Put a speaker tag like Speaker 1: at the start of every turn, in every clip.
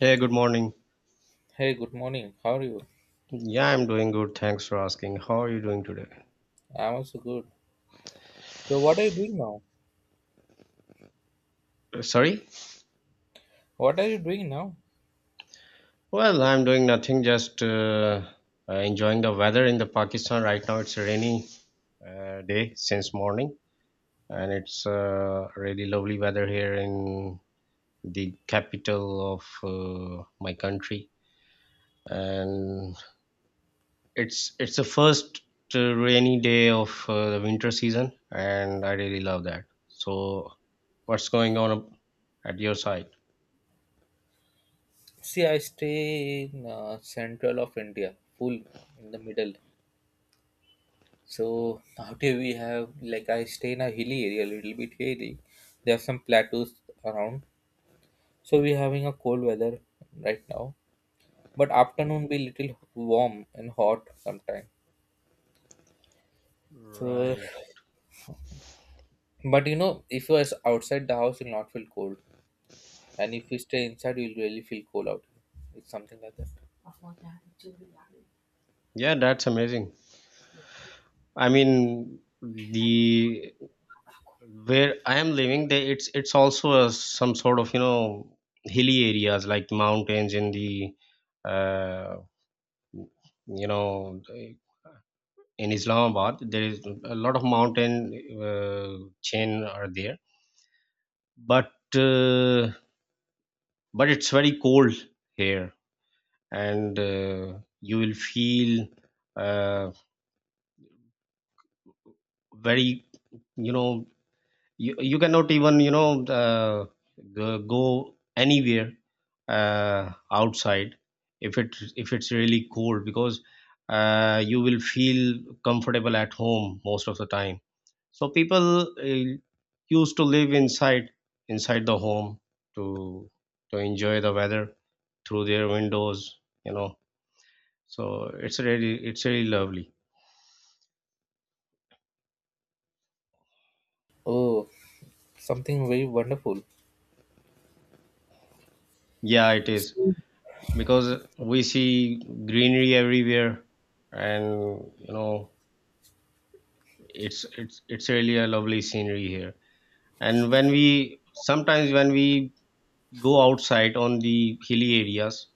Speaker 1: Hey, good morning.
Speaker 2: Hey, good morning. How are you?
Speaker 1: Yeah, I'm doing good. Thanks for asking. How are you doing today?
Speaker 2: I'm also good. So, what are you doing now?
Speaker 1: Sorry?
Speaker 2: What are you doing now?
Speaker 1: Well, I'm doing nothing, just enjoying the weather in the Pakistan right now. It's a rainy day since morning, and it's really lovely weather here in the capital of my country. And it's the first rainy day of the winter season, and I really love that. So, what's going on at your side?
Speaker 2: See, I stay in central of India, full in the middle. So out here we have like I stay in a hilly area, a little bit hilly. There are some plateaus around. So we're having a cold weather right now, but afternoon be little warm and hot sometime. So,
Speaker 1: Right.
Speaker 2: but you know, if you are outside the house, you'll not feel cold, and if you stay inside, you'll really feel cold out here. It's something like that.
Speaker 1: Yeah, that's amazing. I mean, the where I am living, it's also, a, some sort of, hilly areas like mountains in uh, you know, in Islamabad, there is a lot of mountain chain are there, but uh, but it's very cold here, and you will feel uh, very, you know you cannot even go anywhere outside if it's really cold, because you will feel comfortable at home most of the time. So people used to live inside the home to to enjoy the weather through their windows, you know so it's really lovely.
Speaker 2: Oh, something very wonderful.
Speaker 1: Yeah, it is, because we see greenery everywhere, and you know it's really a lovely scenery here. And when we go outside on the hilly areas,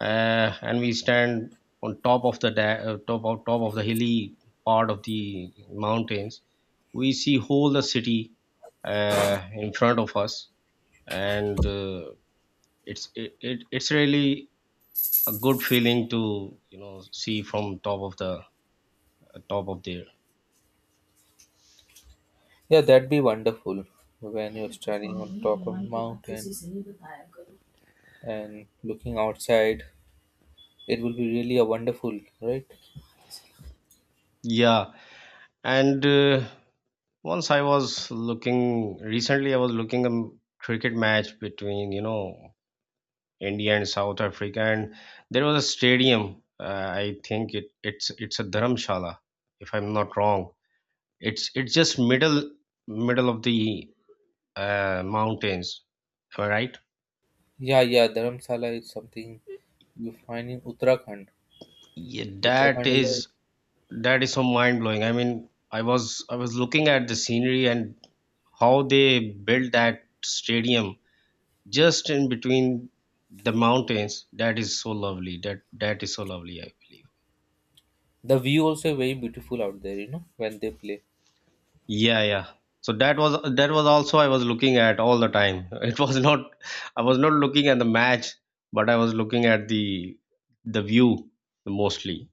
Speaker 1: and we stand on top of the da- top of the hilly part of the mountains. We see whole the city in front of us. And it's really a good feeling to see from top of there.
Speaker 2: Yeah, that'd be wonderful when you're standing on top of a mountain and looking outside. It will be really a wonderful, right?
Speaker 1: Yeah. And once I was looking recently I was looking a cricket match between India and South Africa. And there was a stadium. I think it's a Dharamshala, if I'm not wrong. It's just middle of the mountains, am I right?
Speaker 2: Yeah, yeah, Dharamsala is something you find in Uttarakhand.
Speaker 1: Yeah,
Speaker 2: Uttarakhand is
Speaker 1: that is so mind blowing. I mean, I was looking at the scenery and how they built that stadium just in between the mountains. That is so lovely. That is so lovely, I believe.
Speaker 2: The view also very beautiful out there, you know, when they play.
Speaker 1: Yeah, yeah. So that was also I was looking at all the time. It was not I was not looking at the match, but I was looking at the view mostly.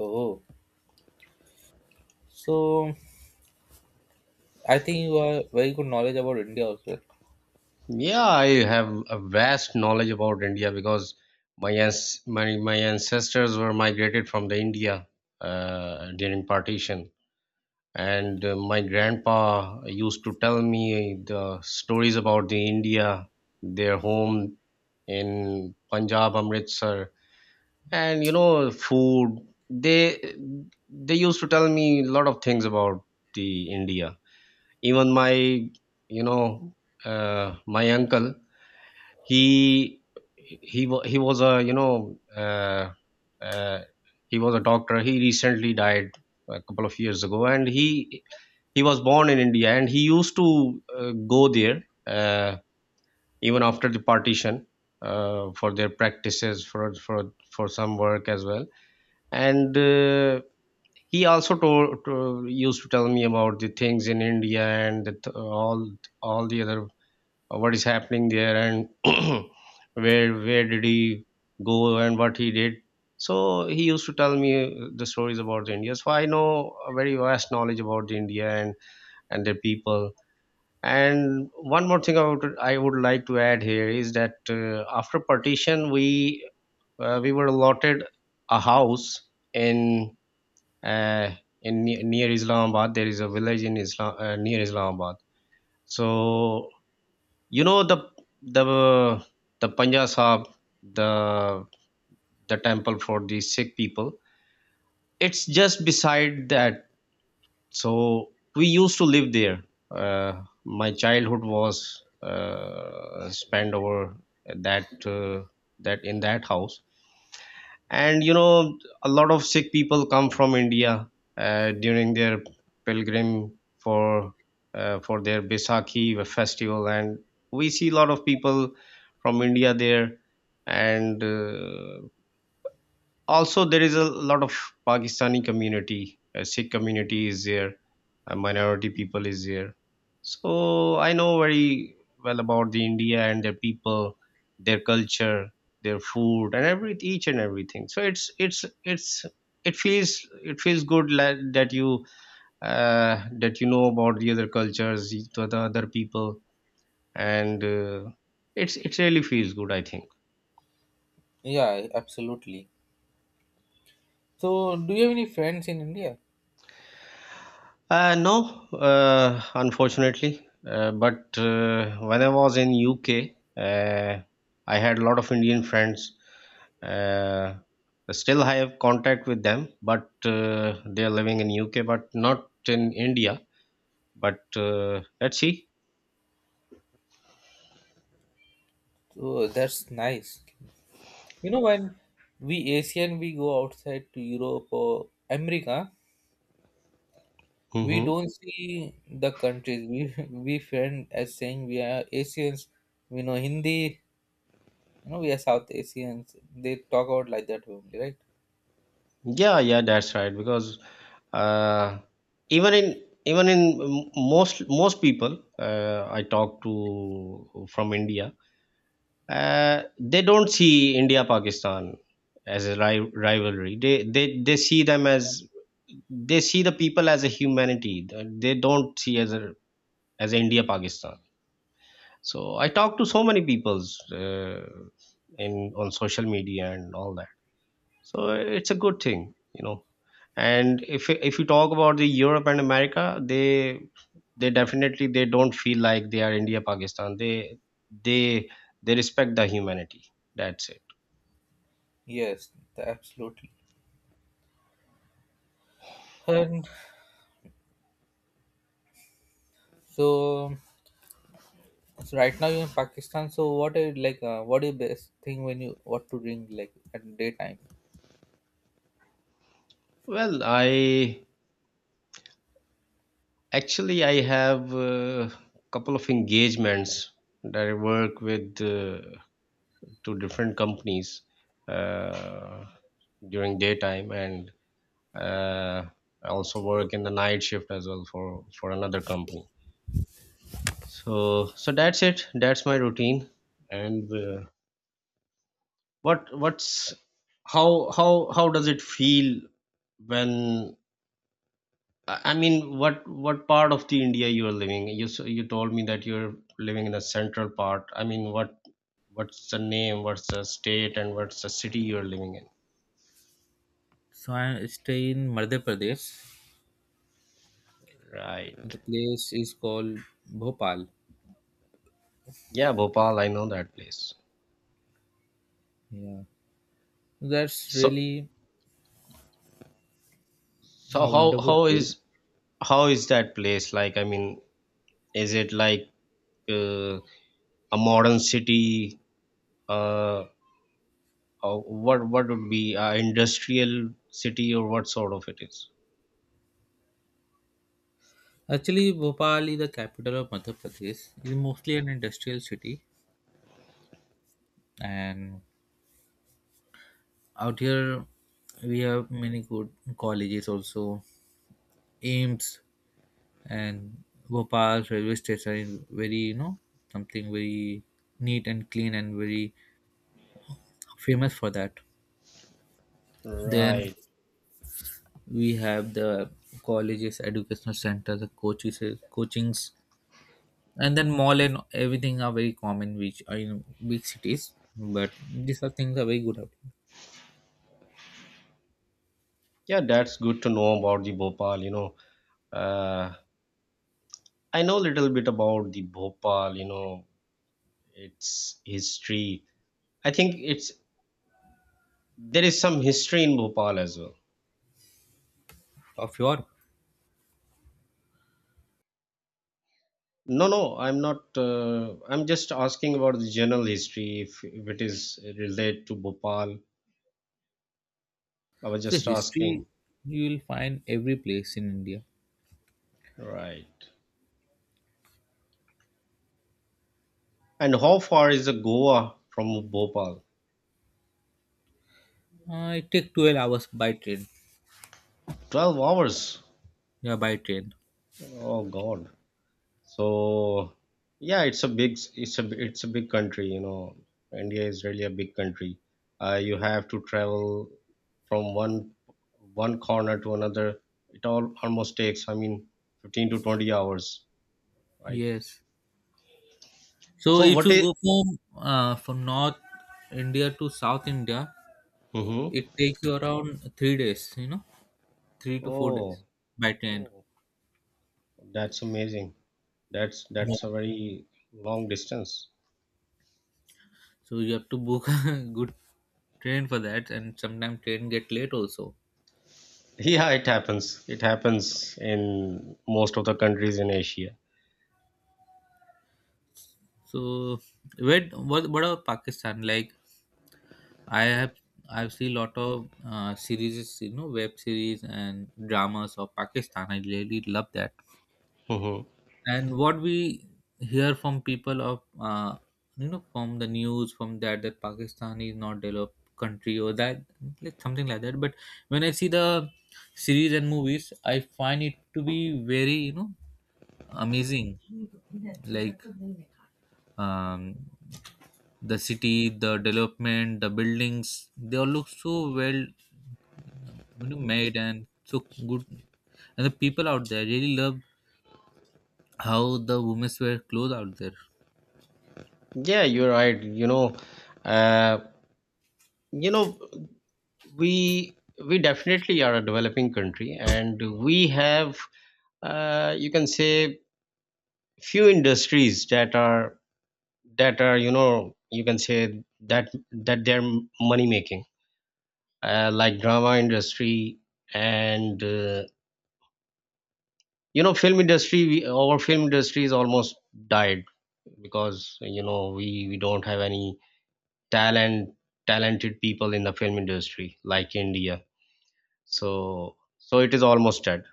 Speaker 2: Oh, so I think you are very good knowledge about India also.
Speaker 1: Yeah, I have a vast knowledge about India, because my ancestors were migrated from the India during partition. And my grandpa used to tell me the stories about the India, their home in Punjab, Amritsar, and food. They used to tell me a lot of things about the India. Even my you know my uncle, he he was a uh, he was a doctor. He recently died a couple of years ago, and he was born in India, and he used to go there, even after the partition, for their practices, for some work as well. And he also used to tell me about the things in India, and the, th- all the other, what is happening there. And where did he go and what he did. So he used to tell me the stories about the India, so I know a very vast knowledge about the India and their people. And one more thing I would like to add here is that, after partition, we were allotted a house in, uh, near Islamabad. There is a village in islam near Islamabad. So, you know the the the Panja Sahib, the the temple for the Sikh people. It's just beside that. So we used to live there. My childhood was spent over that that in that house. And a lot of Sikh people come from India during their pilgrim, for for their Baisakhi festival, and we see a lot of people from India there. And also, there is a lot of Pakistani community, Sikh community is there, minority people is there. So I know very well about the India and their people, their culture, their food, and every each and everything. So it's it feels it feels good, that you know about the other cultures, the other people. And it really feels good, I think.
Speaker 2: Yeah, absolutely. So, do you have any friends in India?
Speaker 1: No, unfortunately. But when I was in UK, I had a lot of Indian friends. Uh, Still, I have contact with them, but they are living in UK, but not in India. But let's see.
Speaker 2: Oh, that's nice. You know, when we Asian we go outside to Europe or America, we
Speaker 1: Hmm.
Speaker 2: don't see the countries. We we friend as saying we are Asians. We know Hindi. You know, we are South Asians. They talk out like that only, right?
Speaker 1: Yeah, yeah, that's right. Because uh, even in most people, I talk to from India. They don't see India Pakistan as a rivalry. They see them as they see the people as a humanity. They don't see as a India Pakistan. So I talk to so many peoples in on social media and all that. So it's a good thing. And if you talk about the Europe and America, they definitely they don't feel like they are India Pakistan. They they respect the humanity. That's it.
Speaker 2: Yes, absolutely. And so, so right now you're in Pakistan. So what are you like? What is best thing when you what to drink like at daytime?
Speaker 1: Well, I actually I have a couple of engagements that I work with, to different companies, uh, during daytime. And uh, I also work in the night shift as well, for another company. So that's it. That's my routine. And what what's how does it feel? When I mean, what part of the India you are living? You told me that you're living in the central part. I mean, what's the name? What's the state? And what's the city you're living in?
Speaker 2: So I stay in Madhya Pradesh.
Speaker 1: Right.
Speaker 2: The place is called Bhopal.
Speaker 1: Yeah, Bhopal. I know that place.
Speaker 2: Yeah. That's
Speaker 1: So
Speaker 2: really
Speaker 1: so
Speaker 2: a
Speaker 1: how
Speaker 2: wonderful
Speaker 1: how is
Speaker 2: place.
Speaker 1: how is that place like? I mean, is it like uh, a modern city? Uh, or what would be industrial city, or what sort of it is?
Speaker 2: Actually, Bhopal is the capital of Madhya Pradesh. It's mostly an industrial city, and out here we have many good colleges also, AIMS and Bhopal railway station is very something very neat and clean and very famous for that. Then
Speaker 1: Right.
Speaker 2: we have the colleges, educational centers, the coaches, coachings, and then mall and everything are very common, which are in big cities, but these are things are very good of,
Speaker 1: Yeah, that's good to know about the Bhopal. You know. Uh, I know a little bit about the Bhopal, its history. I think it's there is some history in Bhopal as well.
Speaker 2: of your.
Speaker 1: No, no, I'm not. I'm just asking about the general history, if it is related to Bhopal. I was
Speaker 2: So
Speaker 1: just
Speaker 2: history
Speaker 1: asking.
Speaker 2: you will find every place in India.
Speaker 1: Right. And how far is the Goa from Bhopal?
Speaker 2: It take 12 hours by train.
Speaker 1: 12 hours.
Speaker 2: Yeah, by train.
Speaker 1: Oh, God. So yeah, it's a big country. India is really a big country. You have to travel from one corner to another. It all almost takes, I mean, 15 to 20 hours, right?
Speaker 2: Yes, so
Speaker 1: So
Speaker 2: if
Speaker 1: what
Speaker 2: you
Speaker 1: is?
Speaker 2: go from North India to South India,
Speaker 1: Mm-hmm.
Speaker 2: it takes you around 3 days, 3 to 4 days
Speaker 1: Oh,
Speaker 2: by train.
Speaker 1: oh, that's amazing. That's
Speaker 2: Yeah,
Speaker 1: that's a very long distance.
Speaker 2: so you have to book a good train for that, and sometimes train get late also.
Speaker 1: Yeah, it happens. It happens in most of the countries in Asia.
Speaker 2: So where what about Pakistan? Like I have I've seen a lot of series, you know, web series and dramas of Pakistan. I really love that.
Speaker 1: Hmm.
Speaker 2: And what we hear from people of from the news from that that Pakistan is not developed country or that like something like that. But when I see the series and movies, I find it to be very amazing. Like um, the city, the development, the buildings, they all look so well, you know, made and so good. And the people out there really love how the women's wear clothes out there.
Speaker 1: Yeah, you're right. Uh, you know, we we definitely are a developing country, and we have you can say few industries that are you can say that they're money making, like drama industry, and film industry. Our film industry is almost died, because we don't have any talent talented people in the film industry, like India. So it is almost dead.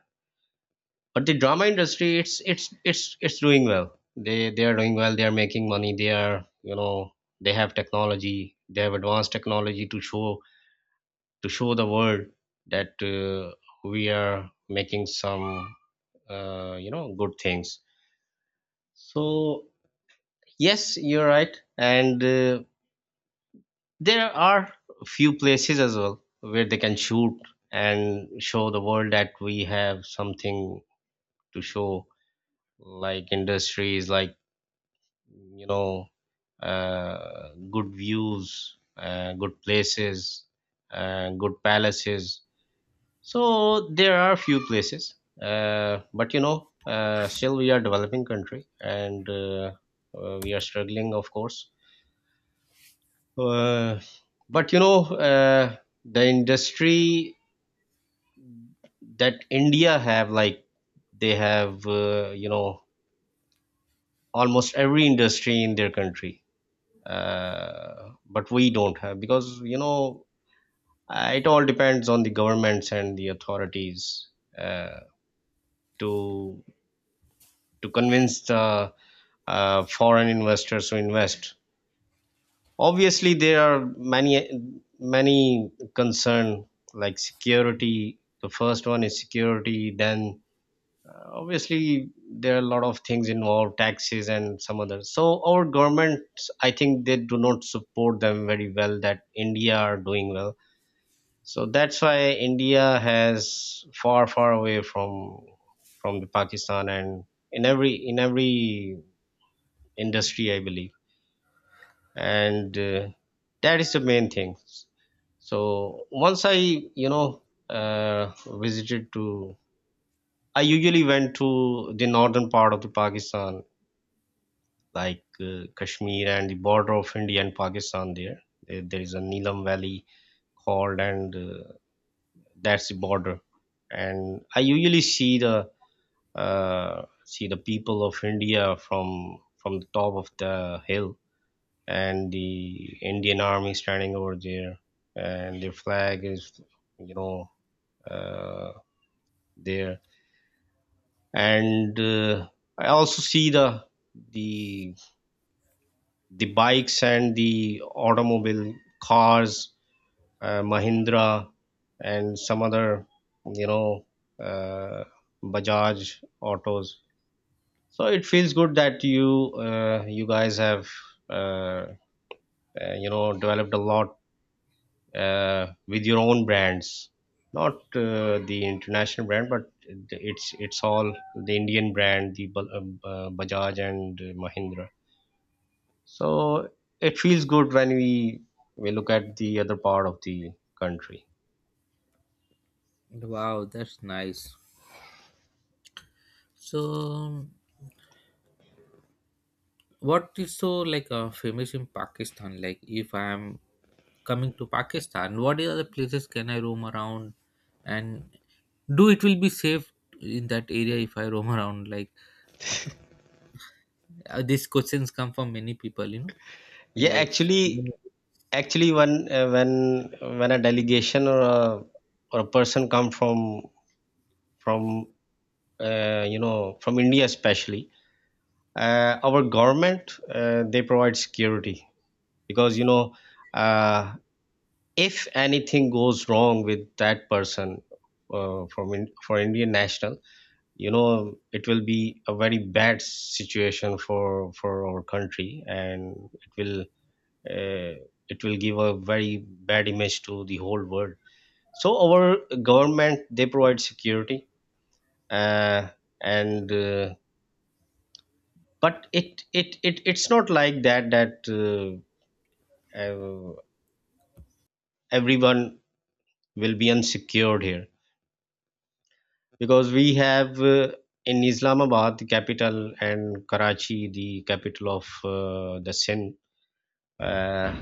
Speaker 1: But the drama industry, it's doing well. They are doing well. They are making money. They are you know they have technology they have advanced technology to show the world that we are making some good things. So yes, you're right. And there are few places as well where they can shoot and show the world that we have something to show, like industries, like, you know, good views, good places, good palaces. So there are few places, but still we are developing country, and we are struggling, of course. Uh, but the industry that India have, like, they have you know almost every industry in their country, but we don't have because you know it all depends on the governments and the authorities uh, to to convince the foreign investors to invest. Obviously there are many many concern, like security. The first one is security. Then obviously there are a lot of things involved, taxes and some others. So our governments, I think, they do not support them very well. That India are doing well, so that's why India has far away from the Pakistan, and in every industry, I believe. And that is the main thing. So once I, you know uh, visited to I usually went to the northern part of the Pakistan, like, Kashmir and the border of India and Pakistan there. There is a Neelam Valley called, and that's the border. And I usually see the people of India from the top of the hill, and the Indian army standing over there, and their flag is, you know, uh, there. And I also see the the bikes and the automobile cars, Mahindra and some other, you know, uh, Bajaj autos. So it feels good that you, you guys have, uh, you know, developed a lot, with your own brands, not, the international brand, but it's all the Indian brand, the Bajaj and Mahindra. So it feels good when we look at the other part of the country.
Speaker 2: Wow, that's nice. So, what is so like famous in Pakistan? Like, if I am coming to Pakistan, what other places can I roam around, and do it will be safe in that area if I roam around? Like, these questions come from many people, you know.
Speaker 1: Yeah,
Speaker 2: Like,
Speaker 1: actually, actually, when, when a delegation or a person come from from from India especially, our government, they provide security because, you know uh, if anything goes wrong with that person, for Indian national, you know, it will be a very bad situation for our country, and it will, uh, it will give a very bad image to the whole world. So our government, they provide security. Uh, and But it, it's not like that, that, uh, everyone will be unsecured here, because we have, in Islamabad, the capital, and Karachi, the capital of, the Sin, uh,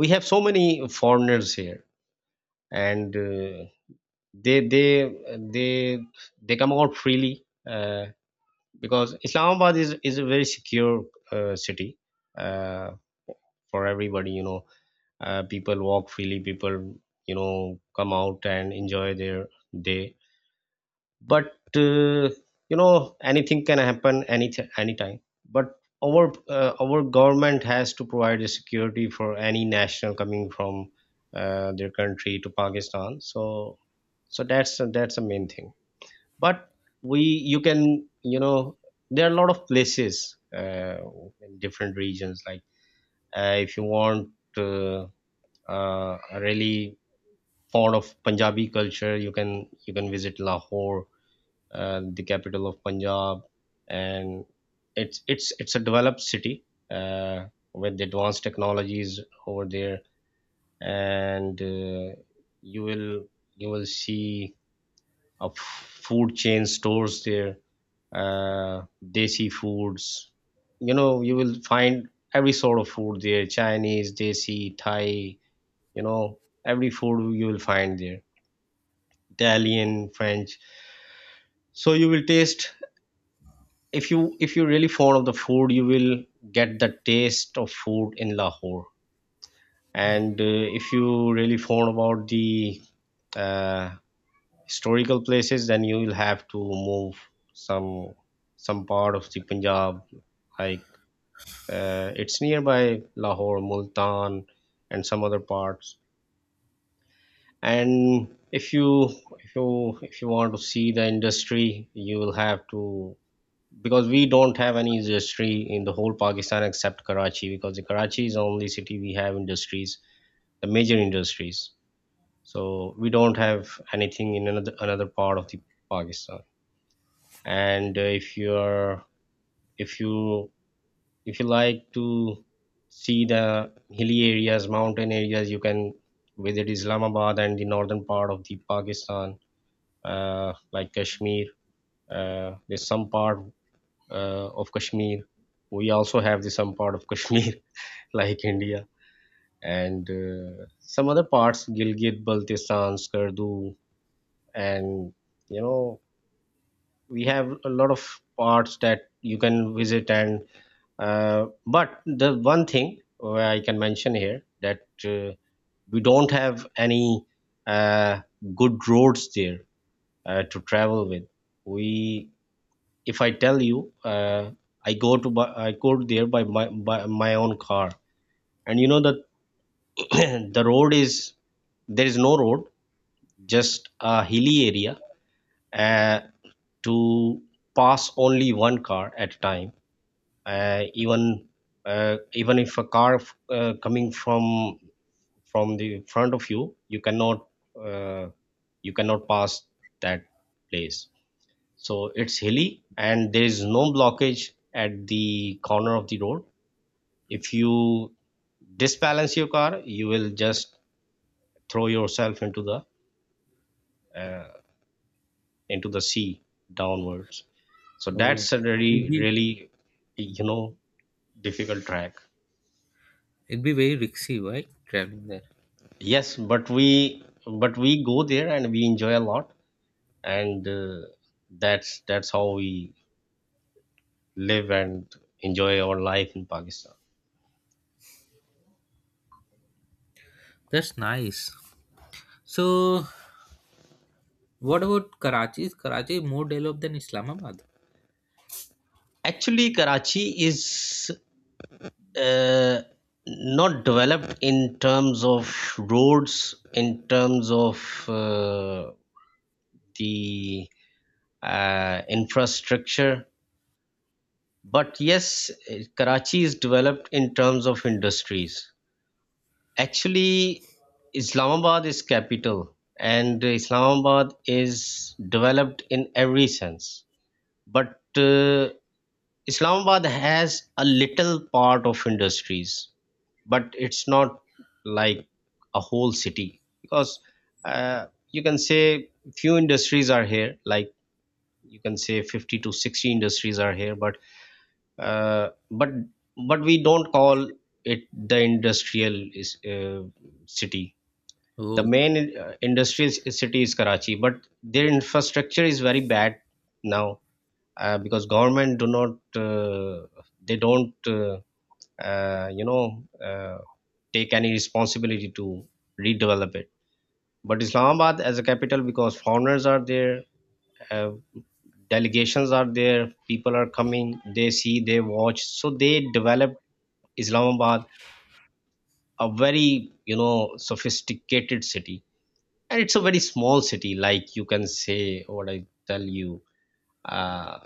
Speaker 1: we have so many foreigners here. And they they they come out freely, because Islamabad is a very secure, city, uh, for everybody. You know, people walk freely, people, you know, come out and enjoy their day. But, you know, anything can happen any anytime. But our, our government has to provide the security for any national coming from, their country to Pakistan. So that's the main thing. But we, you can, you know, there are a lot of places, in different regions, like, if you want, uh, a really fond of Punjabi culture, you can visit Lahore, the capital of Punjab, and it's it's a developed city, uh, with advanced technologies over there. And you will see a food chain stores there, desi foods. You know, you will find every sort of food there: Chinese, desi, Thai. You know, every food you will find there: Italian, French. So you will taste, if you really fond of the food, you will get the taste of food in Lahore. And if you really fond about the, uh, historical places, then you will have to move some part of the Punjab, like, it's nearby Lahore, Multan and some other parts. And if you if you if you want to see the industry, you will have to. Because we don't have any industry in the whole Pakistan except Karachi, because the Karachi is the only city we have industries, the major industries. So we don't have anything in another part of the Pakistan. And if you're, if you if you like to see the hilly areas, mountain areas, you can visit Islamabad and the northern part of the Pakistan, like Kashmir. There's some part, of Kashmir. We also have the some part of Kashmir like India, and some other parts: Gilgit, Baltistan, Skardu, and, you know, we have a lot of parts that you can visit. And but the one thing where I can mention here, that, we don't have any, uh, good roads there, to travel with. We If I tell you, I go to I go there by my own car, and you know that the road is, there is no road, just a hilly area, uh, to pass only one car at a time. Uh, even Even if a car, coming from the front of you, you cannot, uh, you cannot pass that place. So it's hilly, and there is no blockage at the corner of the road. If you disbalance your car, you will just throw yourself into the, uh, into the sea downwards. So
Speaker 2: oh,
Speaker 1: that's a
Speaker 2: it'd
Speaker 1: really
Speaker 2: be,
Speaker 1: you know, difficult track.
Speaker 2: it'd be very risky, right? Traveling there.
Speaker 1: Yes, but we, go there and we enjoy a lot. And That's how we live and enjoy our life in Pakistan.
Speaker 2: That's nice. So, what about Karachi? Is Karachi more developed than Islamabad?
Speaker 1: Actually, Karachi is, uh, not developed in terms of roads, in terms of, the, infrastructure. But yes, eh, Karachi is developed in terms of industries. Actually, Islamabad is capital, and Islamabad is developed in every sense. But, Islamabad has a little part of industries, but it's not like a whole city. Because, you can say few industries are here, like, you can say 50 to 60 industries are here, but but we don't call it the industrial is, city. The
Speaker 2: Oh,
Speaker 1: main, industrial city is Karachi, but their infrastructure is very bad now, because government do not, they don't, you know, take any responsibility to redevelop it. But Islamabad, as a capital, because foreigners are there, uh, delegations are there, people are coming, they see, they watch, so they developed Islamabad a very, you know, sophisticated city. And it's a very small city. Like, you can say, what I tell you, uh,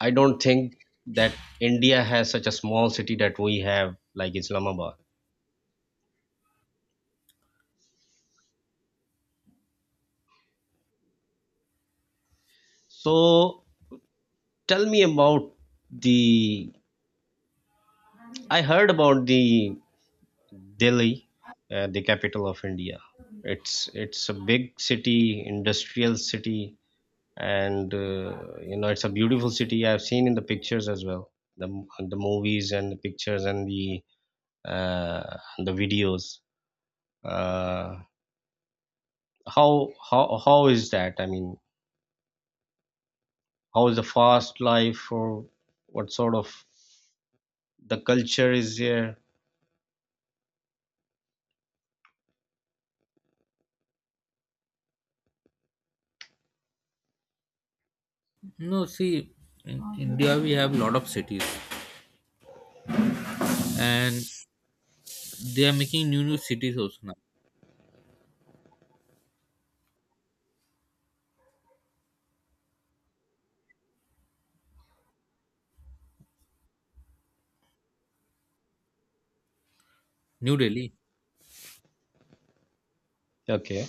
Speaker 1: I don't think that India has such a small city that we have, like Islamabad. So tell me about the. I heard about the Delhi, the capital of India. It's a big city, industrial city, and you know, it's a beautiful city. I've seen in the pictures as well, the movies and the pictures and the, the videos. Uh, how how is that? I mean, how is the fast life, or what sort of the culture is there?
Speaker 2: no, see, in India we have a lot of cities, and they are making new, new cities also now. New Delhi.
Speaker 1: Okay,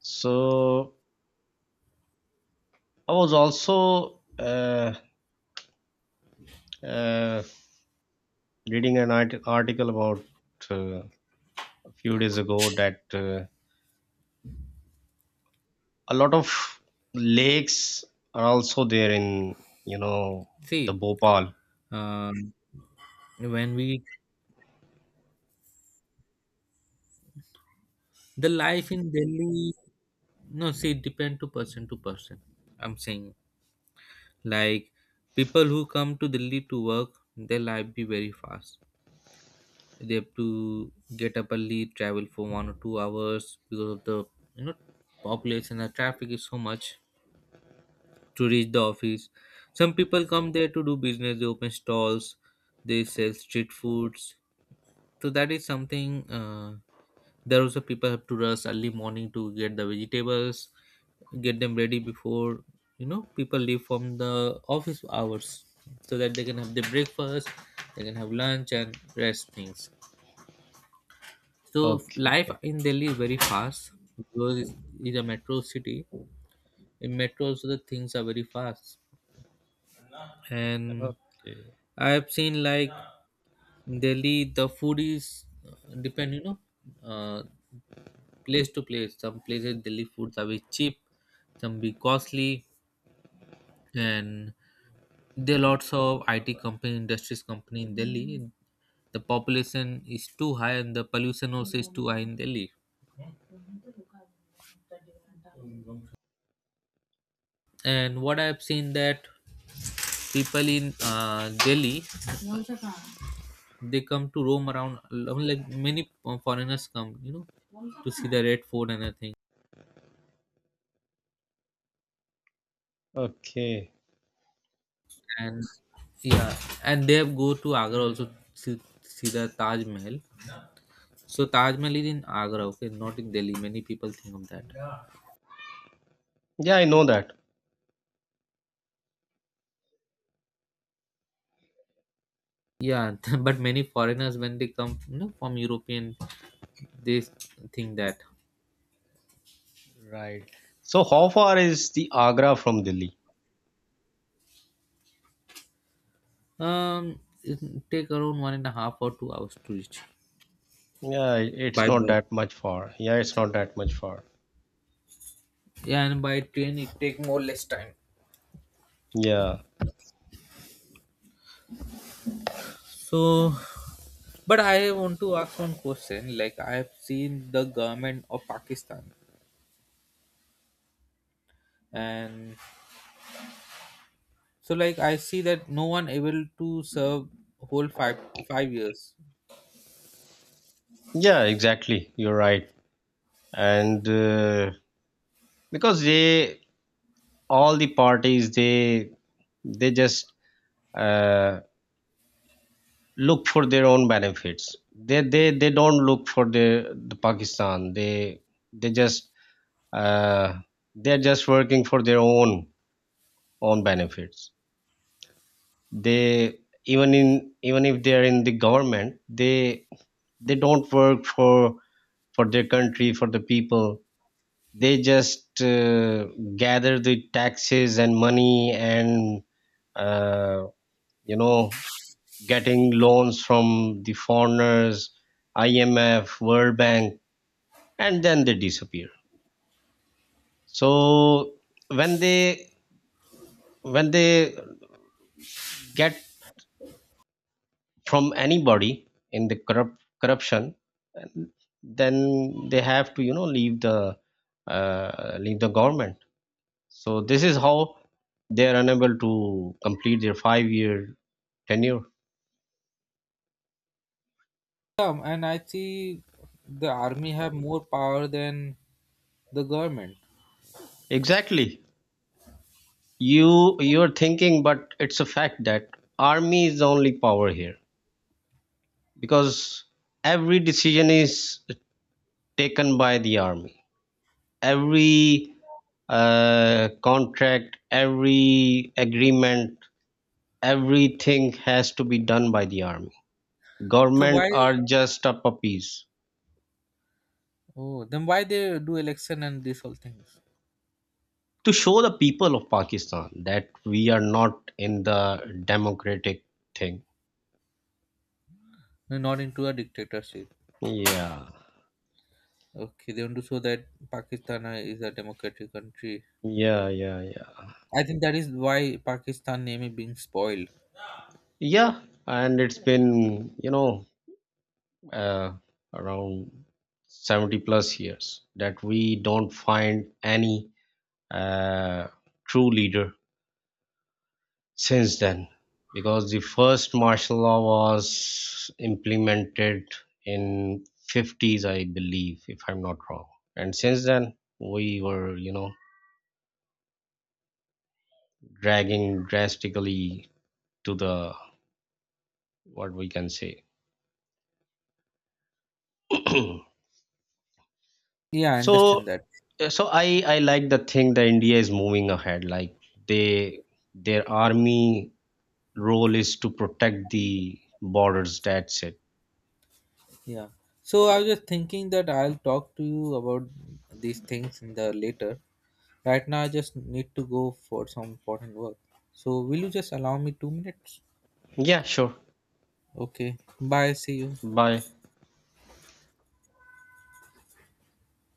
Speaker 1: so. I was also, uh, reading an article about, uh, a few days ago, that, a lot of lakes are also there in, you know, the
Speaker 2: See,
Speaker 1: Bhopal.
Speaker 2: um, when we, the life in Delhi, no, see, it depend to person to person. I'm saying like people who come to Delhi to work, their life be very fast. They have to get up early, travel for 1 or 2 hours because of the, you know, population. The traffic is so much to reach the office. Some people come there to do business. They open stalls. They sell street foods. So that is something. There also people have to rush early morning to get the vegetables, get them ready before people leave from the office hours, so that they can have their breakfast, they can have lunch and rest things. So life
Speaker 1: Okay,
Speaker 2: in Delhi is very fast, because it's a metro city. In metro also the things are very fast. And
Speaker 1: okay,
Speaker 2: I have seen, like, in Delhi the food is depend, uh, place to place. Some places Delhi foods are very cheap, some be costly. And there are lots of IT company, industries company in Delhi. The population is too high and the pollution also is too high in Delhi. And what I have seen that people in Delhi, they come to roam around, like many foreigners come, to see the Red Fort and everything.
Speaker 1: okay.
Speaker 2: And yeah, and they have go to Agra also, see the Taj Mahal. So Taj Mahal is in Agra, okay, not in Delhi. Many people think of that.
Speaker 1: Yeah, I know that.
Speaker 2: Yeah, but many foreigners when they come, from European, they think that
Speaker 1: Right. So how far is the Agra from Delhi?
Speaker 2: it take around one and a half or 2 hours to reach
Speaker 1: Yeah, it's
Speaker 2: by
Speaker 1: not
Speaker 2: bus.
Speaker 1: that much far. Yeah, it's not that much far.
Speaker 2: Yeah, and by train it take more less time.
Speaker 1: Yeah.
Speaker 2: So, but I want to ask one question. Like I have seen the government of Pakistan, and so like I see that no one able to serve whole five years.
Speaker 1: Yeah, exactly. You're right. And because they, all the parties, they just uh, look for their own benefits. They they don't look for the Pakistan. They just uh, they're just working for their own benefits. They, even in, even if they're in the government, they don't work for their country, for the people. They just, gather the taxes and money, and, uh, you know, getting loans from the foreigners, IMF, World Bank, and then they disappear. So when they when they get from anybody in the corrupt corruption, then they have to, you know, leave the, leave the government. So this is how they are unable to complete their 5 year tenure.
Speaker 2: And I see the army have more power than the government.
Speaker 1: Exactly. You're thinking, but it's a fact that army is the only power here, because every decision is taken by the army, every, contract, every agreement, everything has to be done by the army.
Speaker 2: So
Speaker 1: Government
Speaker 2: why?
Speaker 1: are just a puppies.
Speaker 2: Oh, then why they do election and these all things?
Speaker 1: To show the people of Pakistan that we are not in the democratic thing.
Speaker 2: They're not into a dictatorship.
Speaker 1: Yeah,
Speaker 2: Okay, they want to show that Pakistan is a democratic country.
Speaker 1: yeah, yeah. Yeah,
Speaker 2: I think that is why Pakistan name is being spoiled.
Speaker 1: yeah. And it's been, you know, uh, around 70 plus years that we don't find any, uh, true leader since then, because the first martial law was implemented in 50s, I believe, if I'm not wrong. And since then, we were, you know, dragging drastically to the, what we can say.
Speaker 2: Yeah, I understand
Speaker 1: So
Speaker 2: that.
Speaker 1: yeah, so I like the thing that India is moving ahead. Like, they, their army role is to protect the borders. That's it.
Speaker 2: Yeah. So I was just thinking that I'll talk to you about these things in the later. Right now, I just need to go for some important work. So will you just allow me 2 minutes?
Speaker 1: Yeah, sure.
Speaker 2: Okay. Bye. See you.
Speaker 1: Bye.